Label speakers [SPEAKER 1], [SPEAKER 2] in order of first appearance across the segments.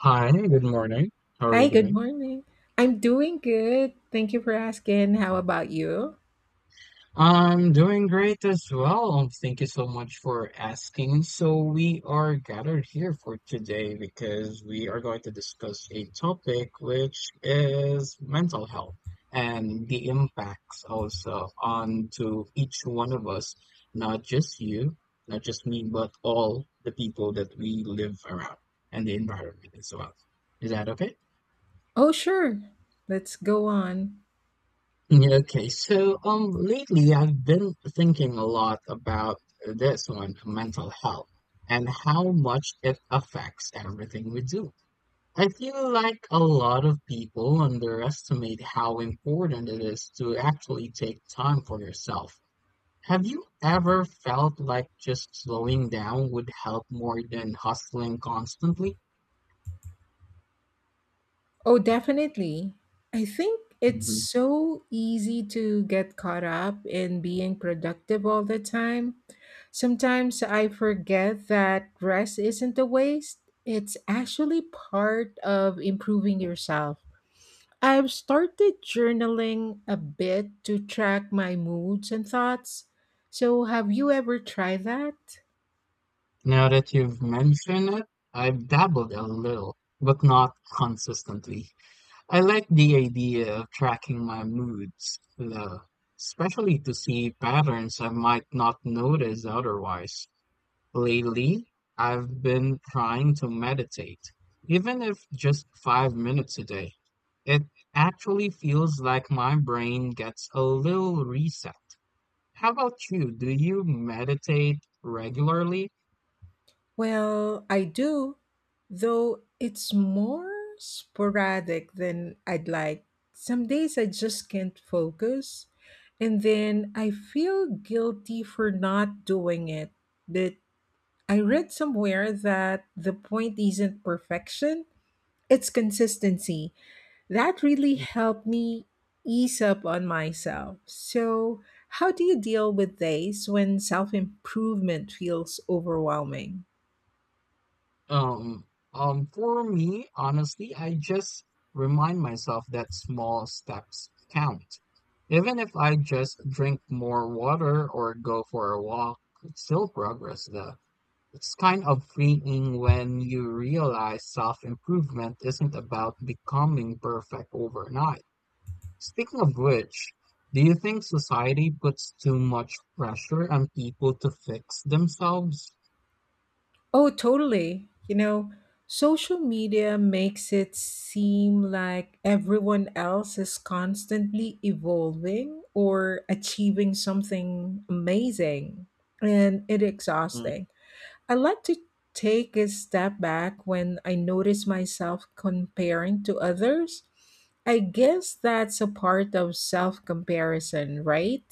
[SPEAKER 1] Hi, good morning. How are you
[SPEAKER 2] Hi, good
[SPEAKER 1] doing?
[SPEAKER 2] morning. I'm doing good. Thank you for asking. How about you?
[SPEAKER 1] I'm doing great as well. Thank you so much for asking. So, we are gathered here for today because we are going to discuss a topic which is mental health and the impacts also on to each one of us, not just you, not just me, but all the people that we live around and the environment as well. Is that okay?
[SPEAKER 2] Oh, sure. Let's go on.
[SPEAKER 1] Yeah, okay, so lately I've been thinking a lot about this one, mental health, and how much it affects everything we do. I feel like a lot of people underestimate how important it is to actually take time for yourself. Have you ever felt like just slowing down would help more than hustling constantly?
[SPEAKER 2] Oh, definitely. I think it's
[SPEAKER 1] Mhm.
[SPEAKER 2] so easy to get caught up in being productive all the time. Sometimes I forget that rest isn't a waste, it's actually part of improving yourself. I've started journaling a bit to track my moods and thoughts. So, have you ever tried that?
[SPEAKER 1] Now that you've mentioned it, I've dabbled a little, but not consistently. I like the idea of tracking my moods, though, especially to see patterns I might not notice otherwise. Lately, I've been trying to meditate, even if just 5 minutes a day. It actually feels like my brain gets a little reset. How about you? Do you meditate regularly?
[SPEAKER 2] Well, I do, though it's more sporadic than I'd like. Some days I just can't focus, and then I feel guilty for not doing it. But I read somewhere that the point isn't perfection, it's consistency. That really helped me ease up on myself. So, how do you deal with days when self improvement feels overwhelming?
[SPEAKER 1] Um, for me, honestly, I just remind myself that small steps count. Even if I just drink more water or go for a walk, it's still progress though. It's kind of freeing when you realize self-improvement isn't about becoming perfect overnight. Speaking of which, do you think society puts too much pressure on people to fix themselves?
[SPEAKER 2] Oh, totally. You know, social media makes it seem like everyone else is constantly evolving or achieving something amazing, and it exhausting. I like to take a step back when I notice myself comparing to others. I guess that's a part of self comparison, right?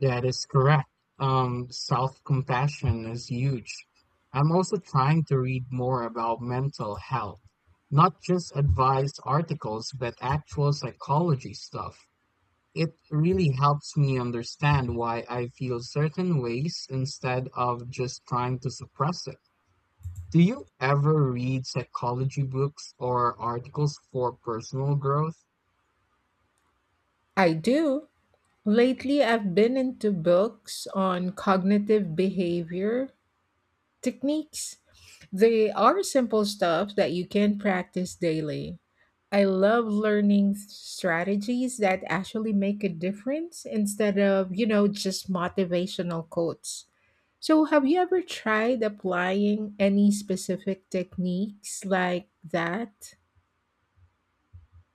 [SPEAKER 1] That is correct. Self-compassion is huge. I'm also trying to read more about mental health, not just advice articles, but actual psychology stuff. It really helps me understand why I feel certain ways instead of just trying to suppress it. Do you ever read psychology books or articles for personal growth?
[SPEAKER 2] I do. Lately, I've been into books on cognitive behavior techniques. They are simple stuff that you can practice daily. I love learning strategies that actually make a difference instead of, you know, just motivational quotes. So, have you ever tried applying any specific techniques like that?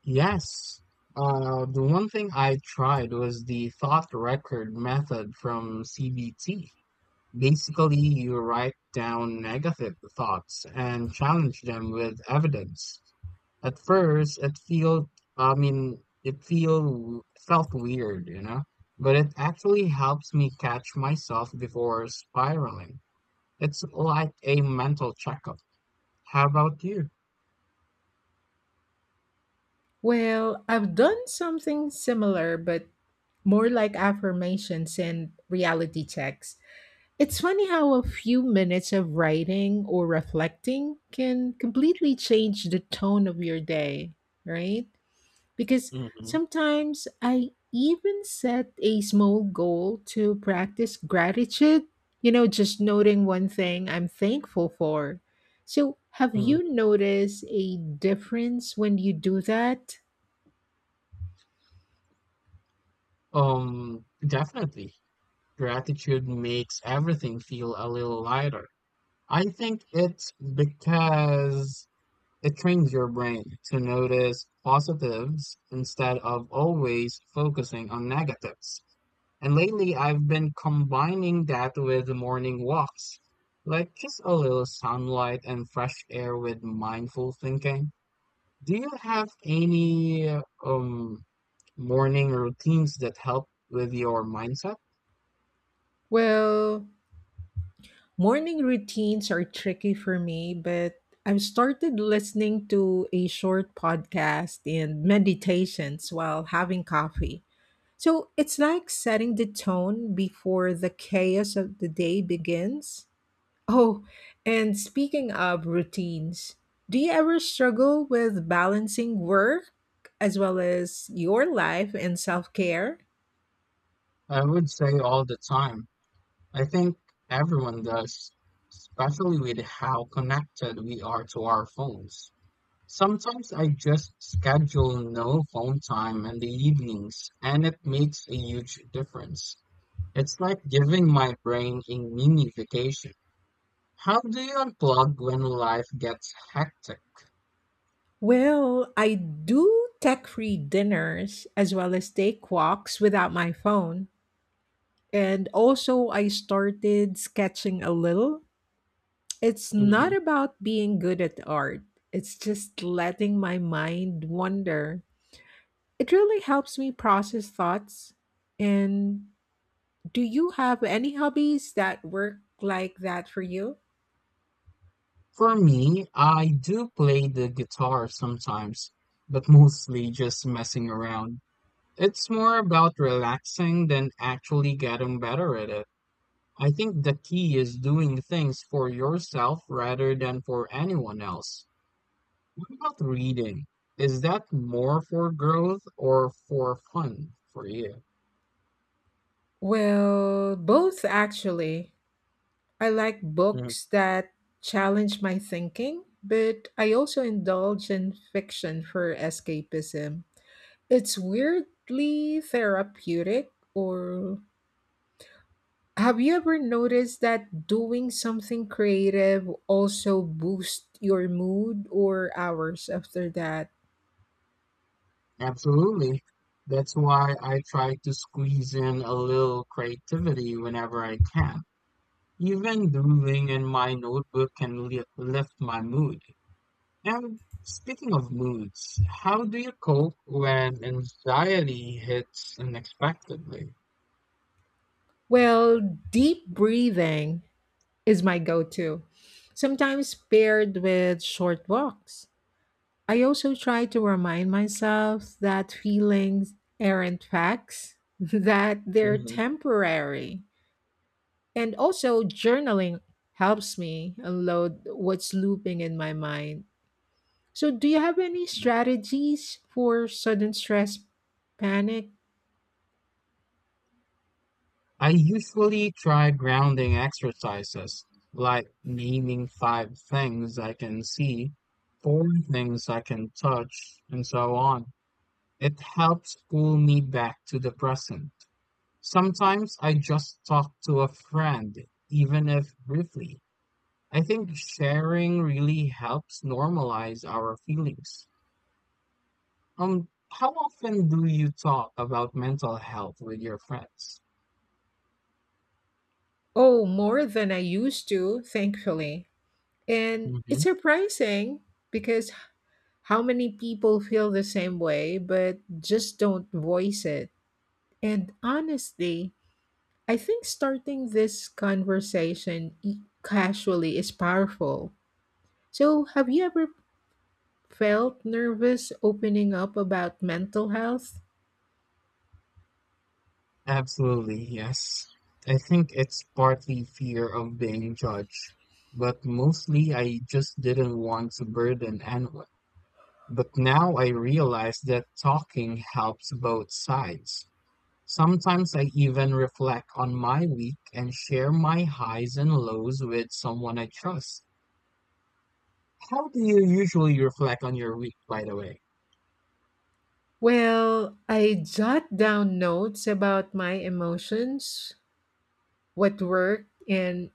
[SPEAKER 1] Yes. The one thing I tried was the thought record method from CBT. Basically, you write down negative thoughts and challenge them with evidence. At first, it felt, I mean, it feel felt weird, you know, but it actually helps me catch myself before spiraling. It's like a mental checkup. How about you?
[SPEAKER 2] Well, I've done something similar, but more like affirmations and reality checks. It's funny how a few minutes of writing or reflecting can completely change the tone of your day, right? Because
[SPEAKER 1] hmm
[SPEAKER 2] sometimes I even set a small goal to practice gratitude, you know, just noting one thing I'm thankful for. So, have you
[SPEAKER 1] hmm
[SPEAKER 2] noticed a difference when you do that?
[SPEAKER 1] Definitely. Gratitude makes everything feel a little lighter. I think it's because it trains your brain to notice positives instead of always focusing on negatives. And lately, I've been combining that with morning walks, like just a little sunlight and fresh air with mindful thinking. Do you have any morning routines that help with your mindset?
[SPEAKER 2] Well, morning routines are tricky for me, but I've started listening to a short podcast and meditations while having coffee. So it's like setting the tone before the chaos of the day begins. Oh, and speaking of routines, do you ever struggle with balancing work as well as your life and self care?
[SPEAKER 1] I would say all the time. I think everyone does, especially with how connected we are to our phones. Sometimes I just schedule no phone time in the evenings, and it makes a huge difference. It's like giving my brain a mini vacation. How do you unplug when life gets hectic?
[SPEAKER 2] Well, I do tech free dinners as well as take walks without my phone. And also, I started sketching a little. It's not
[SPEAKER 1] Mhm.
[SPEAKER 2] about being good at art, it's just letting my mind wander. It really helps me process thoughts. And do you have any hobbies that work like that for you?
[SPEAKER 1] For me, I do play the guitar sometimes, but mostly just messing around. It's more about relaxing than actually getting better at it. I think the key is doing things for yourself rather than for anyone else. What about reading? Is that more for growth or for fun for you?
[SPEAKER 2] Well, both actually. I like
[SPEAKER 1] Mm,
[SPEAKER 2] books that challenge my thinking, but I also indulge in fiction for escapism. It's weirdly therapeutic, or have you ever noticed that doing something creative also boosts your mood or hours after that?
[SPEAKER 1] absolutely. That's why I try to squeeze in a little creativity whenever I can. Even doodling in my notebook can lift my mood. And speaking of moods, how do you cope when anxiety hits unexpectedly?
[SPEAKER 2] Well, deep breathing is my go to, sometimes paired with short walks. I also try to remind myself that feelings aren't facts, that they're
[SPEAKER 1] Mhm.
[SPEAKER 2] temporary. And also, journaling helps me unload what's looping in my mind. So, do you have any strategies for sudden stress panic?
[SPEAKER 1] I usually try grounding exercises, like naming five things I can see, four things I can touch, and so on. It helps pull me back to the present. Sometimes I just talk to a friend, even if briefly. I think sharing really helps normalize our feelings. How often do you talk about mental health with your friends?
[SPEAKER 2] Oh, more than I used to, thankfully. And it's
[SPEAKER 1] hmm
[SPEAKER 2] surprising because how many people feel the same way but just don't voice it. And honestly, I think starting this conversation casually is powerful. So, have you ever felt nervous opening up about mental health?
[SPEAKER 1] Absolutely, yes. I think it's partly fear of being judged, but mostly I just didn't want to burden anyone. But now I realize that talking helps both sides. Sometimes I even reflect on my week and share my highs and lows with someone I trust. How do you usually reflect on your week, by the way?
[SPEAKER 2] Well, I jot down notes about my emotions, what worked and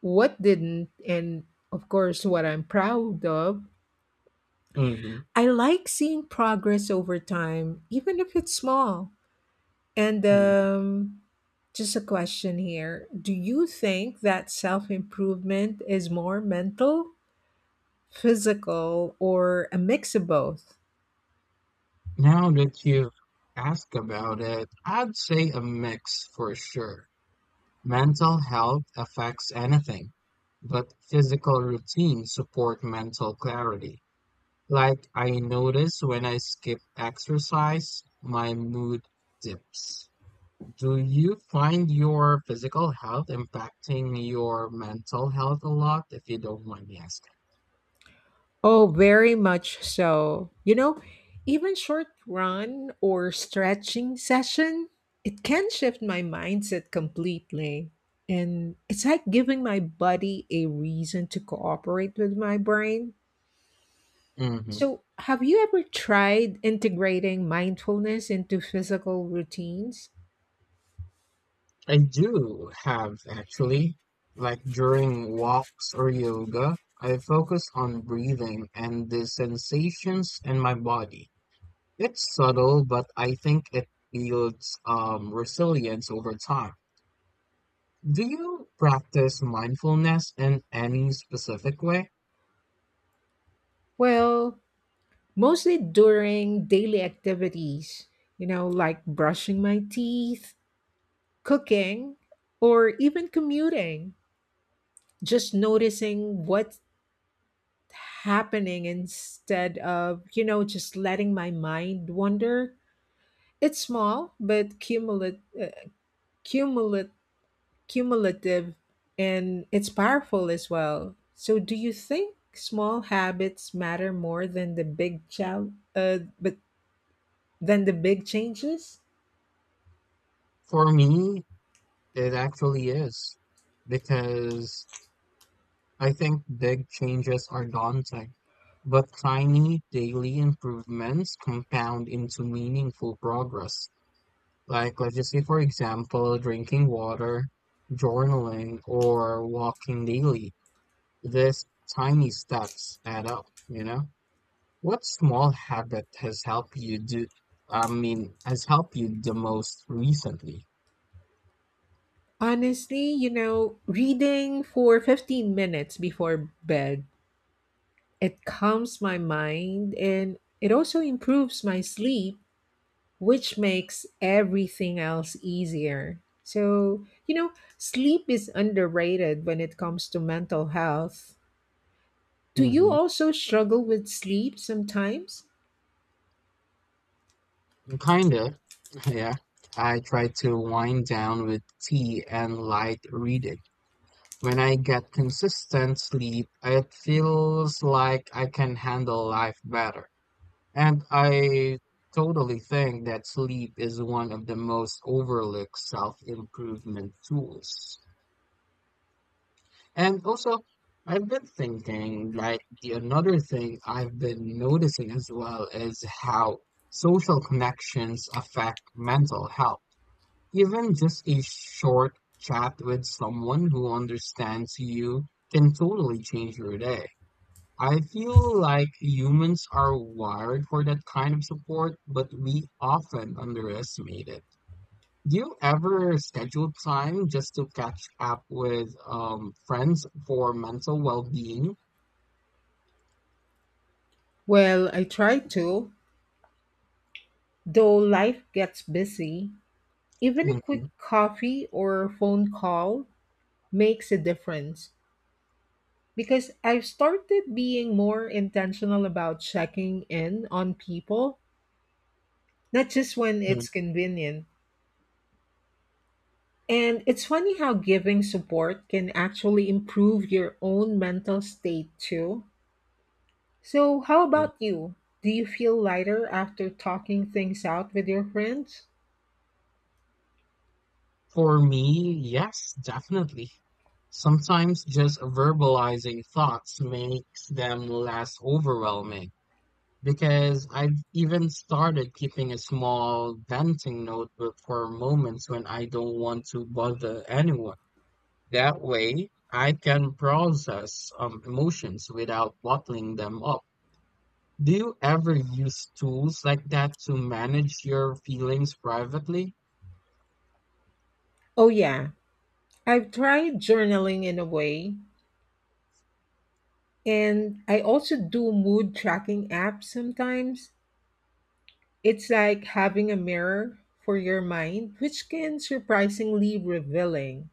[SPEAKER 2] what didn't, and of course, what I'm proud of.
[SPEAKER 1] hmm
[SPEAKER 2] I like seeing progress over time, even if it's small. And
[SPEAKER 1] hmm
[SPEAKER 2] just a question here. Do you think that self improvement is more mental, physical, or a mix of both?
[SPEAKER 1] Now that you've asked about it, I'd say a mix for sure. Mental health affects anything, but physical routines support mental clarity. Like I notice when I skip exercise, my mood dips. Do you find your physical health impacting your mental health a lot, if you don't mind me
[SPEAKER 2] Oh, very much so. You know, even short run or stretching session, it can shift my mindset completely. And it's like giving my body a reason to cooperate with my brain.
[SPEAKER 1] asking?
[SPEAKER 2] So, have you ever tried integrating mindfulness into physical routines?
[SPEAKER 1] I do have actually, like during walks or yoga, I focus on breathing and the sensations in my body. It's subtle, but I think it builds resilience over time. Do you practice mindfulness in any specific way?
[SPEAKER 2] Well, mostly during daily activities, you know, like brushing my teeth, cooking, or even commuting. Just noticing what's happening instead of, you know, just letting my mind wander. It's small, but cumulative cumulative and it's powerful as well. So do you think small habits matter more than the big chal- but than the big changes?
[SPEAKER 1] For me, it actually is, because I think big changes are daunting. But tiny daily improvements compound into meaningful progress, like let's just say, for example, drinking water, journaling, or walking daily. These tiny steps add up, you know? What small habit has helped you do, I mean, has helped you the most recently?
[SPEAKER 2] Honestly, you know, reading for 15 minutes before bed, it calms my mind and it also improves my sleep, which makes everything else easier. So, you know, sleep is underrated when it comes to mental health. Do you
[SPEAKER 1] hmm
[SPEAKER 2] also struggle with sleep sometimes?
[SPEAKER 1] Kinda, yeah. I try to wind down with tea and light reading. When I get consistent sleep, it feels like I can handle life better. And I totally think that sleep is one of the most overlooked self-improvement tools. And also, I've been thinking like the another thing I've been noticing as well is how social connections affect mental health. Even just a short chat with someone who understands you can totally change your day. I feel like humans are wired for that kind of support, but we often underestimate it. Do you ever schedule time just to catch up with friends for mental well-being?
[SPEAKER 2] Well, I try to, though life gets busy. Even a quick
[SPEAKER 1] Mhm,
[SPEAKER 2] coffee or phone call makes a difference because I've started being more intentional about checking in on people, not just when
[SPEAKER 1] mhm.
[SPEAKER 2] it's convenient. And it's funny how giving support can actually improve your own mental state too. So, how about you? Do you feel lighter after talking things out with your friends?
[SPEAKER 1] For me, yes, definitely. Sometimes just verbalizing thoughts makes them less overwhelming because I've even started keeping a small venting notebook for moments when I don't want to bother anyone. That way, I can process emotions without bottling them up. Do you ever use tools like that to manage your feelings privately?
[SPEAKER 2] Oh, yeah. I've tried journaling in a way, and I also do mood tracking apps sometimes. It's like having a mirror for your mind, which can surprisingly revealing.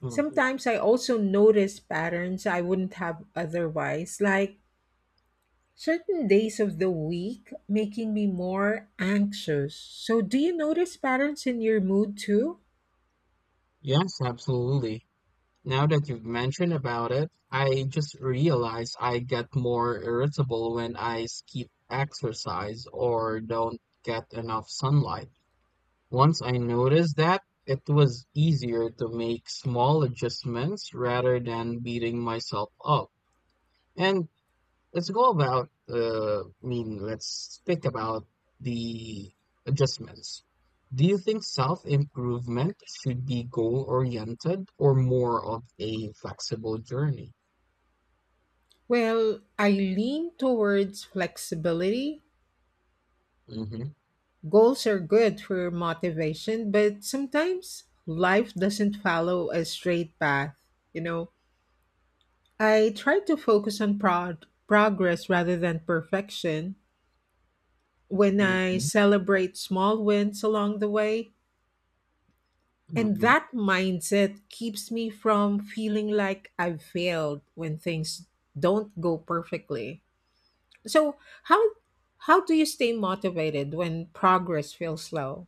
[SPEAKER 1] Mhm.
[SPEAKER 2] Sometimes I also notice patterns I wouldn't have otherwise, like certain days of the week making me more anxious. So, do you notice patterns in your mood too?
[SPEAKER 1] Yes, absolutely. Now that you've mentioned about it, I just realized I get more irritable when I skip exercise or don't get enough sunlight. Once I noticed that, it was easier to make small adjustments rather than beating myself up. And Let's go about, I mean, let's think about the adjustments. Do you think self-improvement should be goal-oriented or more of a flexible journey?
[SPEAKER 2] Well, I lean towards flexibility.
[SPEAKER 1] hmm
[SPEAKER 2] Goals are good for motivation, but sometimes life doesn't follow a straight path. You know, I try to focus on progress rather than perfection. When I
[SPEAKER 1] hmm
[SPEAKER 2] celebrate small wins along the way, and
[SPEAKER 1] hmm
[SPEAKER 2] that mindset keeps me from feeling like I've failed when things don't go perfectly. So, how how do you stay motivated when progress feels slow?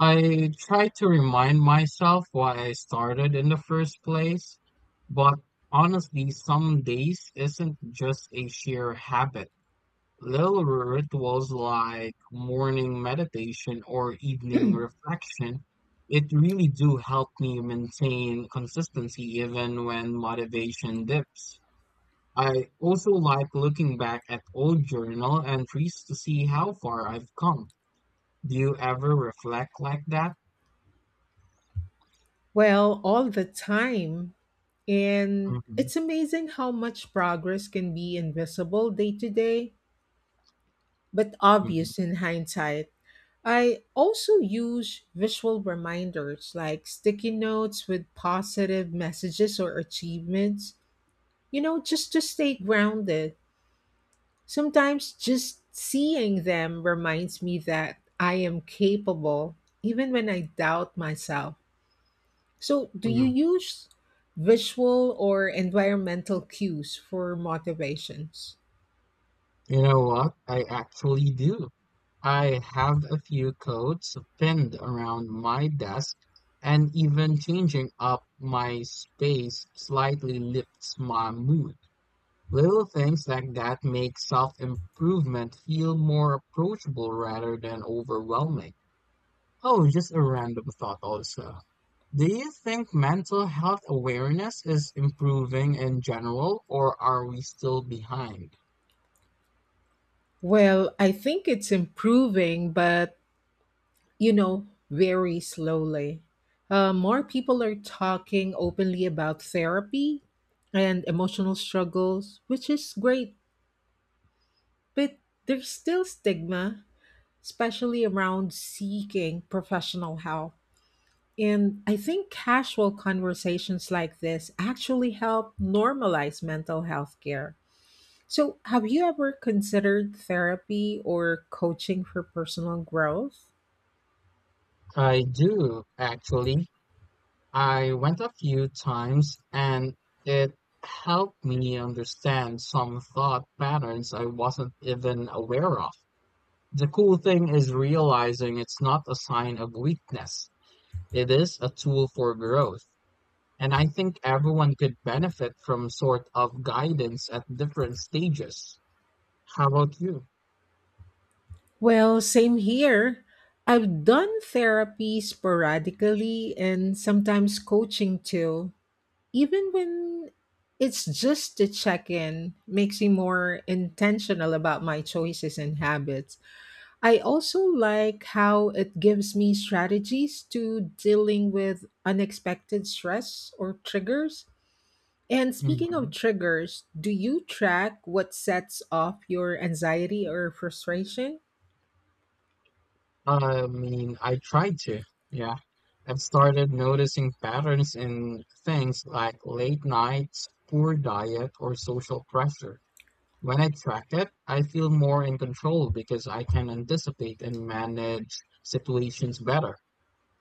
[SPEAKER 1] I try to remind myself why I started in the first place, but honestly, some days isn't just a sheer habit. Lilith was like morning meditation or evening reflection. It really do help me maintain consistency even when motivation dips. I also like looking back at old journal entries to see how far I've come. Do you ever reflect like that?
[SPEAKER 2] Well, all the time. And
[SPEAKER 1] Mhm,
[SPEAKER 2] it's amazing how much progress can be invisible day to day, but
[SPEAKER 1] mhm,
[SPEAKER 2] obvious in hindsight. I also use visual reminders like sticky notes with positive messages or achievements, you know, just to stay grounded. Sometimes just seeing them reminds me that I am capable, even when I doubt myself. So, do you
[SPEAKER 1] mhm.
[SPEAKER 2] use visual or environmental cues for motivations?
[SPEAKER 1] You know what? I actually do. I have a few coats pinned around my desk, and even changing up my space slightly lifts my mood. Little things like that make self-improvement feel more approachable rather than overwhelming. Oh, just a random thought also. Do you think mental health awareness is improving in general, or are we still behind?
[SPEAKER 2] Well, I think it's improving, but, you know, very slowly. More people are talking openly about therapy and emotional struggles, which is great. But there's still stigma, especially around seeking professional help. And I think casual conversations like this actually help normalize mental health care. So, have you ever considered therapy or coaching for personal growth?
[SPEAKER 1] I do, actually. I went a few times and it helped me understand some thought patterns I wasn't even aware of. The cool thing is realizing it's not a sign of weakness. It is a tool for growth. And I think everyone could benefit from sort of guidance at different stages. How about you?
[SPEAKER 2] Well, same here. I've done therapy sporadically and sometimes coaching too. Even when it's just to check in, makes me more intentional about my choices and habits. I also like how it gives me strategies to dealing with unexpected stress or triggers. And speaking of triggers, do you track what sets off your anxiety or frustration?
[SPEAKER 1] I mean, I tried to, yeah. I've started noticing patterns in things like late nights, poor diet, or social pressure. When I track it, I feel more in control because I can anticipate and manage situations better.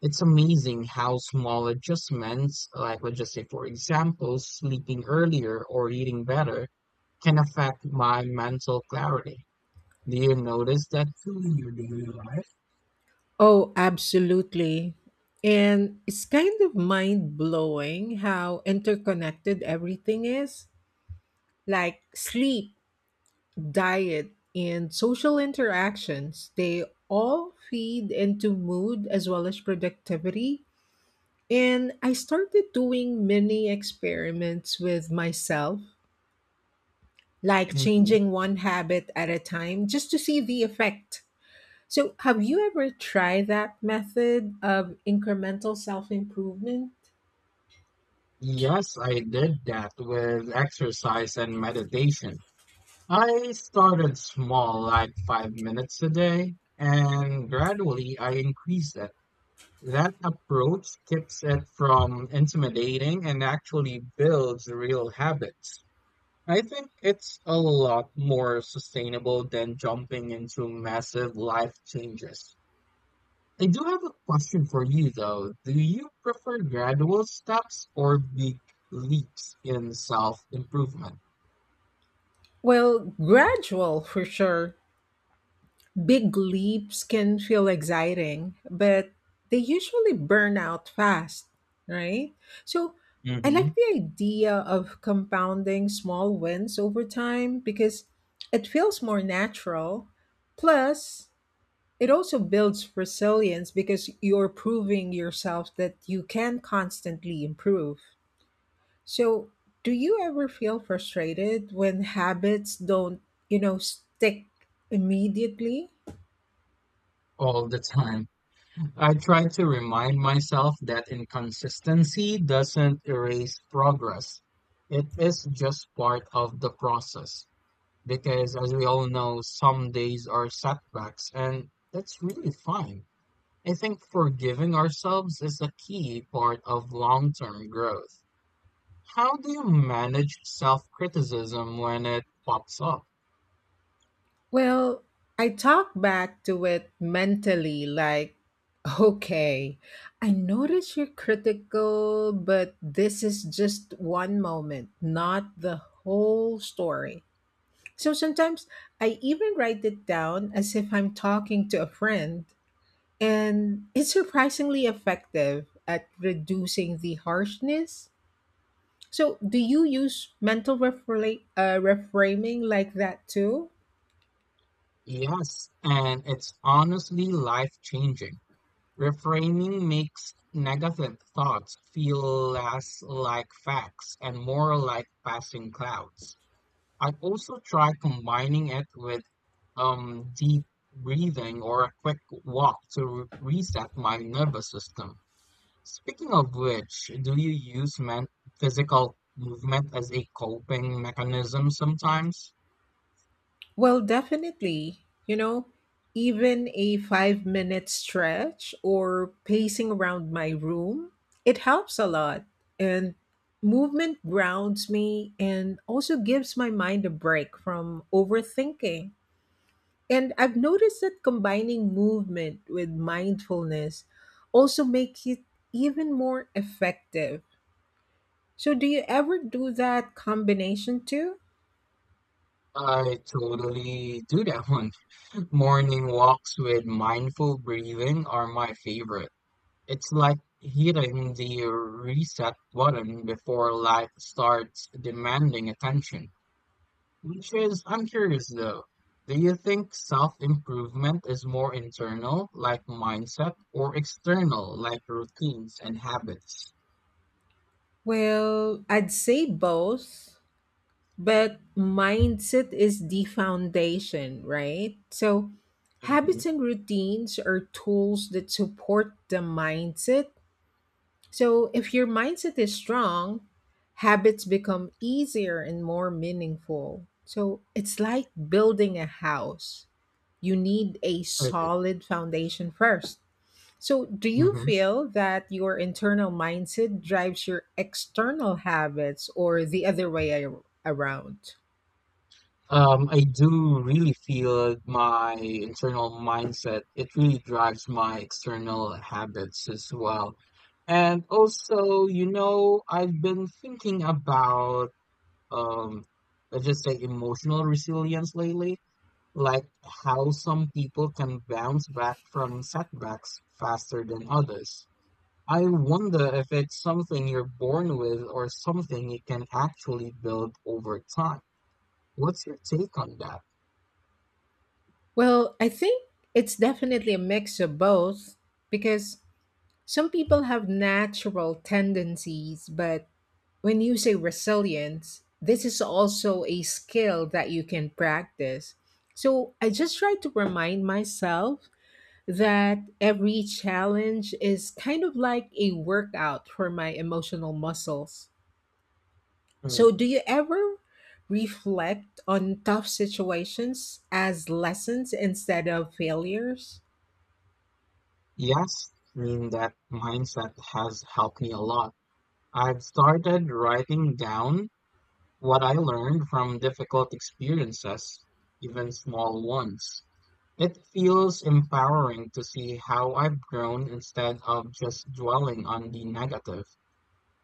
[SPEAKER 1] It's amazing how small adjustments, like let's just say, for example, sleeping earlier or eating better, can affect my mental clarity. Do you notice that too in your daily life?
[SPEAKER 2] Oh, absolutely. And it's kind of mind blowing how interconnected everything is. Like sleep, diet, and social interactions. They all feed into mood as well as productivity. And I started doing mini experiments with myself, like
[SPEAKER 1] Mhm.
[SPEAKER 2] changing one habit at a time just to see the effect. So, have you ever tried that method of incremental self improvement?
[SPEAKER 1] Yes, I did that with exercise and meditation. I started small, like 5 minutes a day, and gradually I increased it. That approach keeps it from intimidating and actually builds real habits. I think it's a lot more sustainable than jumping into massive life changes. I do have a question for you though. Do you prefer gradual steps or big leaps in self-improvement?
[SPEAKER 2] Well, gradual for sure. Big leaps can feel exciting, but they usually burn out fast, right? So I like
[SPEAKER 1] hmm
[SPEAKER 2] the idea of compounding small wins over time because it feels more natural. Plus, it also builds resilience because you're proving yourself that you can constantly improve. So, do you ever feel frustrated when habits don't, you know, stick immediately?
[SPEAKER 1] All the time. I try to remind myself that inconsistency doesn't erase progress. It is just part of the process. Because as we all know, some days are setbacks, and that's really fine. I think forgiving ourselves is a key part of long-term growth. How do you manage self-criticism when it pops up?
[SPEAKER 2] Well, I talk back to it mentally, like, okay, I notice you're critical, but this is just one moment, not the whole story. So sometimes I even write it down as if I'm talking to a friend, and it's surprisingly effective at reducing the harshness. So, do you use mental reframing like that too?
[SPEAKER 1] Yes, and it's honestly life-changing. Reframing makes negative thoughts feel less like facts and more like passing clouds. I also try combining it with deep breathing or a quick walk to reset my nervous system. Speaking of which, do you use men physical movement as a coping mechanism sometimes?
[SPEAKER 2] Well, definitely. You know, even a 5-minute stretch or pacing around my room, it helps a lot. And movement grounds me and also gives my mind a break from overthinking. And I've noticed that combining movement with mindfulness also makes it even more effective. So, do you ever do that combination too?
[SPEAKER 1] I totally do that one. Morning walks with mindful breathing are my favorite. It's like hitting the reset button before life starts demanding attention. Which is, I'm curious though, do you think self-improvement is more internal, like mindset, or external, like routines and habits?
[SPEAKER 2] Well, I'd say both. But mindset is the foundation, right? So,
[SPEAKER 1] Mhm.
[SPEAKER 2] habits and routines are tools that support the mindset. So, if your mindset is strong, habits become easier and more meaningful. So, it's like building a house. You need a
[SPEAKER 1] Okay.
[SPEAKER 2] solid foundation first. So, do you
[SPEAKER 1] hmm
[SPEAKER 2] feel that your internal mindset drives your external habits or the other way around?
[SPEAKER 1] I do really feel my internal mindset. It really drives my external habits as well. And also, you know, I've been thinking about, um, let's just say emotional resilience lately, like how some people can bounce back from setbacks faster than others. I wonder if it's something you're born with or something you can actually build over time. What's your take on that?
[SPEAKER 2] Well, I think it's definitely a mix of both because some people have natural tendencies, but when you say resilience, this is also a skill that you can practice. So I just try to remind myself that every challenge is kind of like a workout for my emotional muscles. So, do
[SPEAKER 1] Mm,
[SPEAKER 2] you ever reflect on tough situations as lessons instead of failures?
[SPEAKER 1] yes, I mean that mindset has helped me a lot. I've started writing down what I learned from difficult experiences, even small ones. It feels empowering to see how I've grown instead of just dwelling on the negative.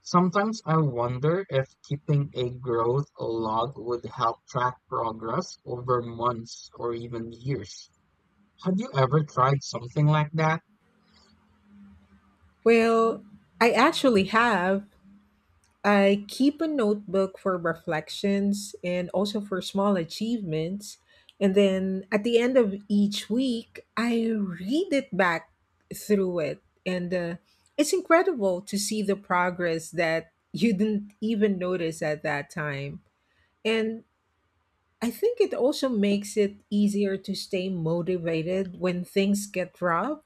[SPEAKER 1] Sometimes I wonder if keeping a growth log would help track progress over months or even years. Have you ever tried something like that?
[SPEAKER 2] Well, I actually have, I keep a notebook for reflections and also for small achievements. And then at the end of each week, I read it back through it. And it's incredible to see the progress that you didn't even notice at that time. And I think it also makes it easier to stay motivated when things get rough.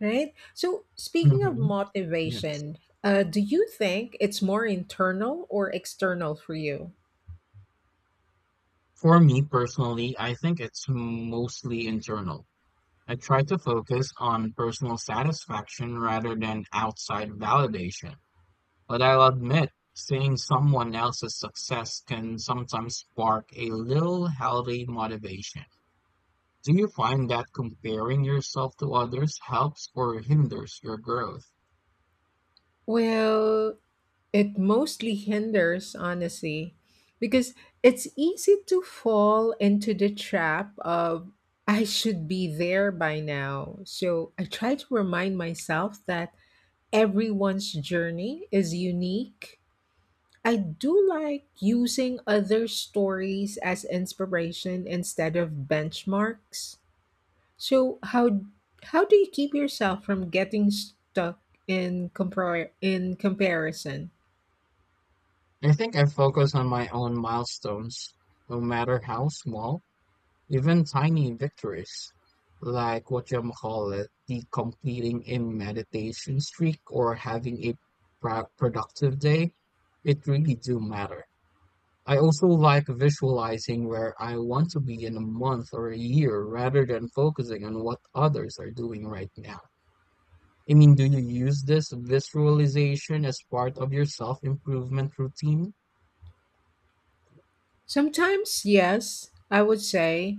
[SPEAKER 2] Right? So, speaking of
[SPEAKER 1] hmm Yes.
[SPEAKER 2] motivation, do you think it's more internal or external for you?
[SPEAKER 1] For me personally, I think it's mostly internal. I try to focus on personal satisfaction rather than outside validation. But I'll admit, seeing someone else's success can sometimes spark a little healthy motivation. Do you find that comparing yourself to others helps or hinders your growth?
[SPEAKER 2] Well, it mostly hinders, honestly, because it's easy to fall into the trap of I should be there by now. So, I try to remind myself that everyone's journey is unique. I do like using other stories as inspiration instead of benchmarks. So how do you keep yourself from getting stuck in comparison?
[SPEAKER 1] I think I focus on my own milestones, no matter how small. Even tiny victories, like what you call it, the completing a meditation streak or having a productive day, it really do matter. I also like visualizing where I want to be in a month or a year rather than focusing on what others are doing right now. I mean, do you use this visualization as part of your self-improvement routine?
[SPEAKER 2] Sometimes, yes, I would say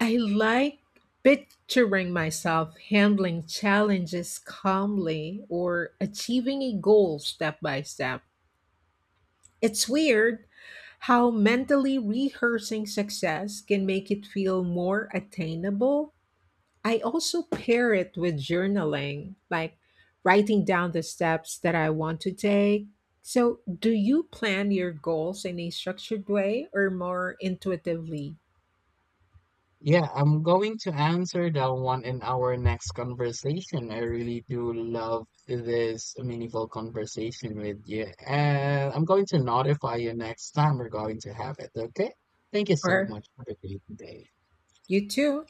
[SPEAKER 2] I like picturing myself handling challenges calmly or achieving a goal step by step. It's weird how mentally rehearsing success can make it feel more attainable. I also pair it with journaling, like writing down the steps that I want to take. So, do you plan your goals in a structured way or more intuitively?
[SPEAKER 1] Yeah, I'm going to answer that one in our next conversation. I really do love this meaningful conversation with you. And I'm going to notify you next time we're going to have it, okay? Thank you so
[SPEAKER 2] Or
[SPEAKER 1] much. Have a great day.
[SPEAKER 2] you too?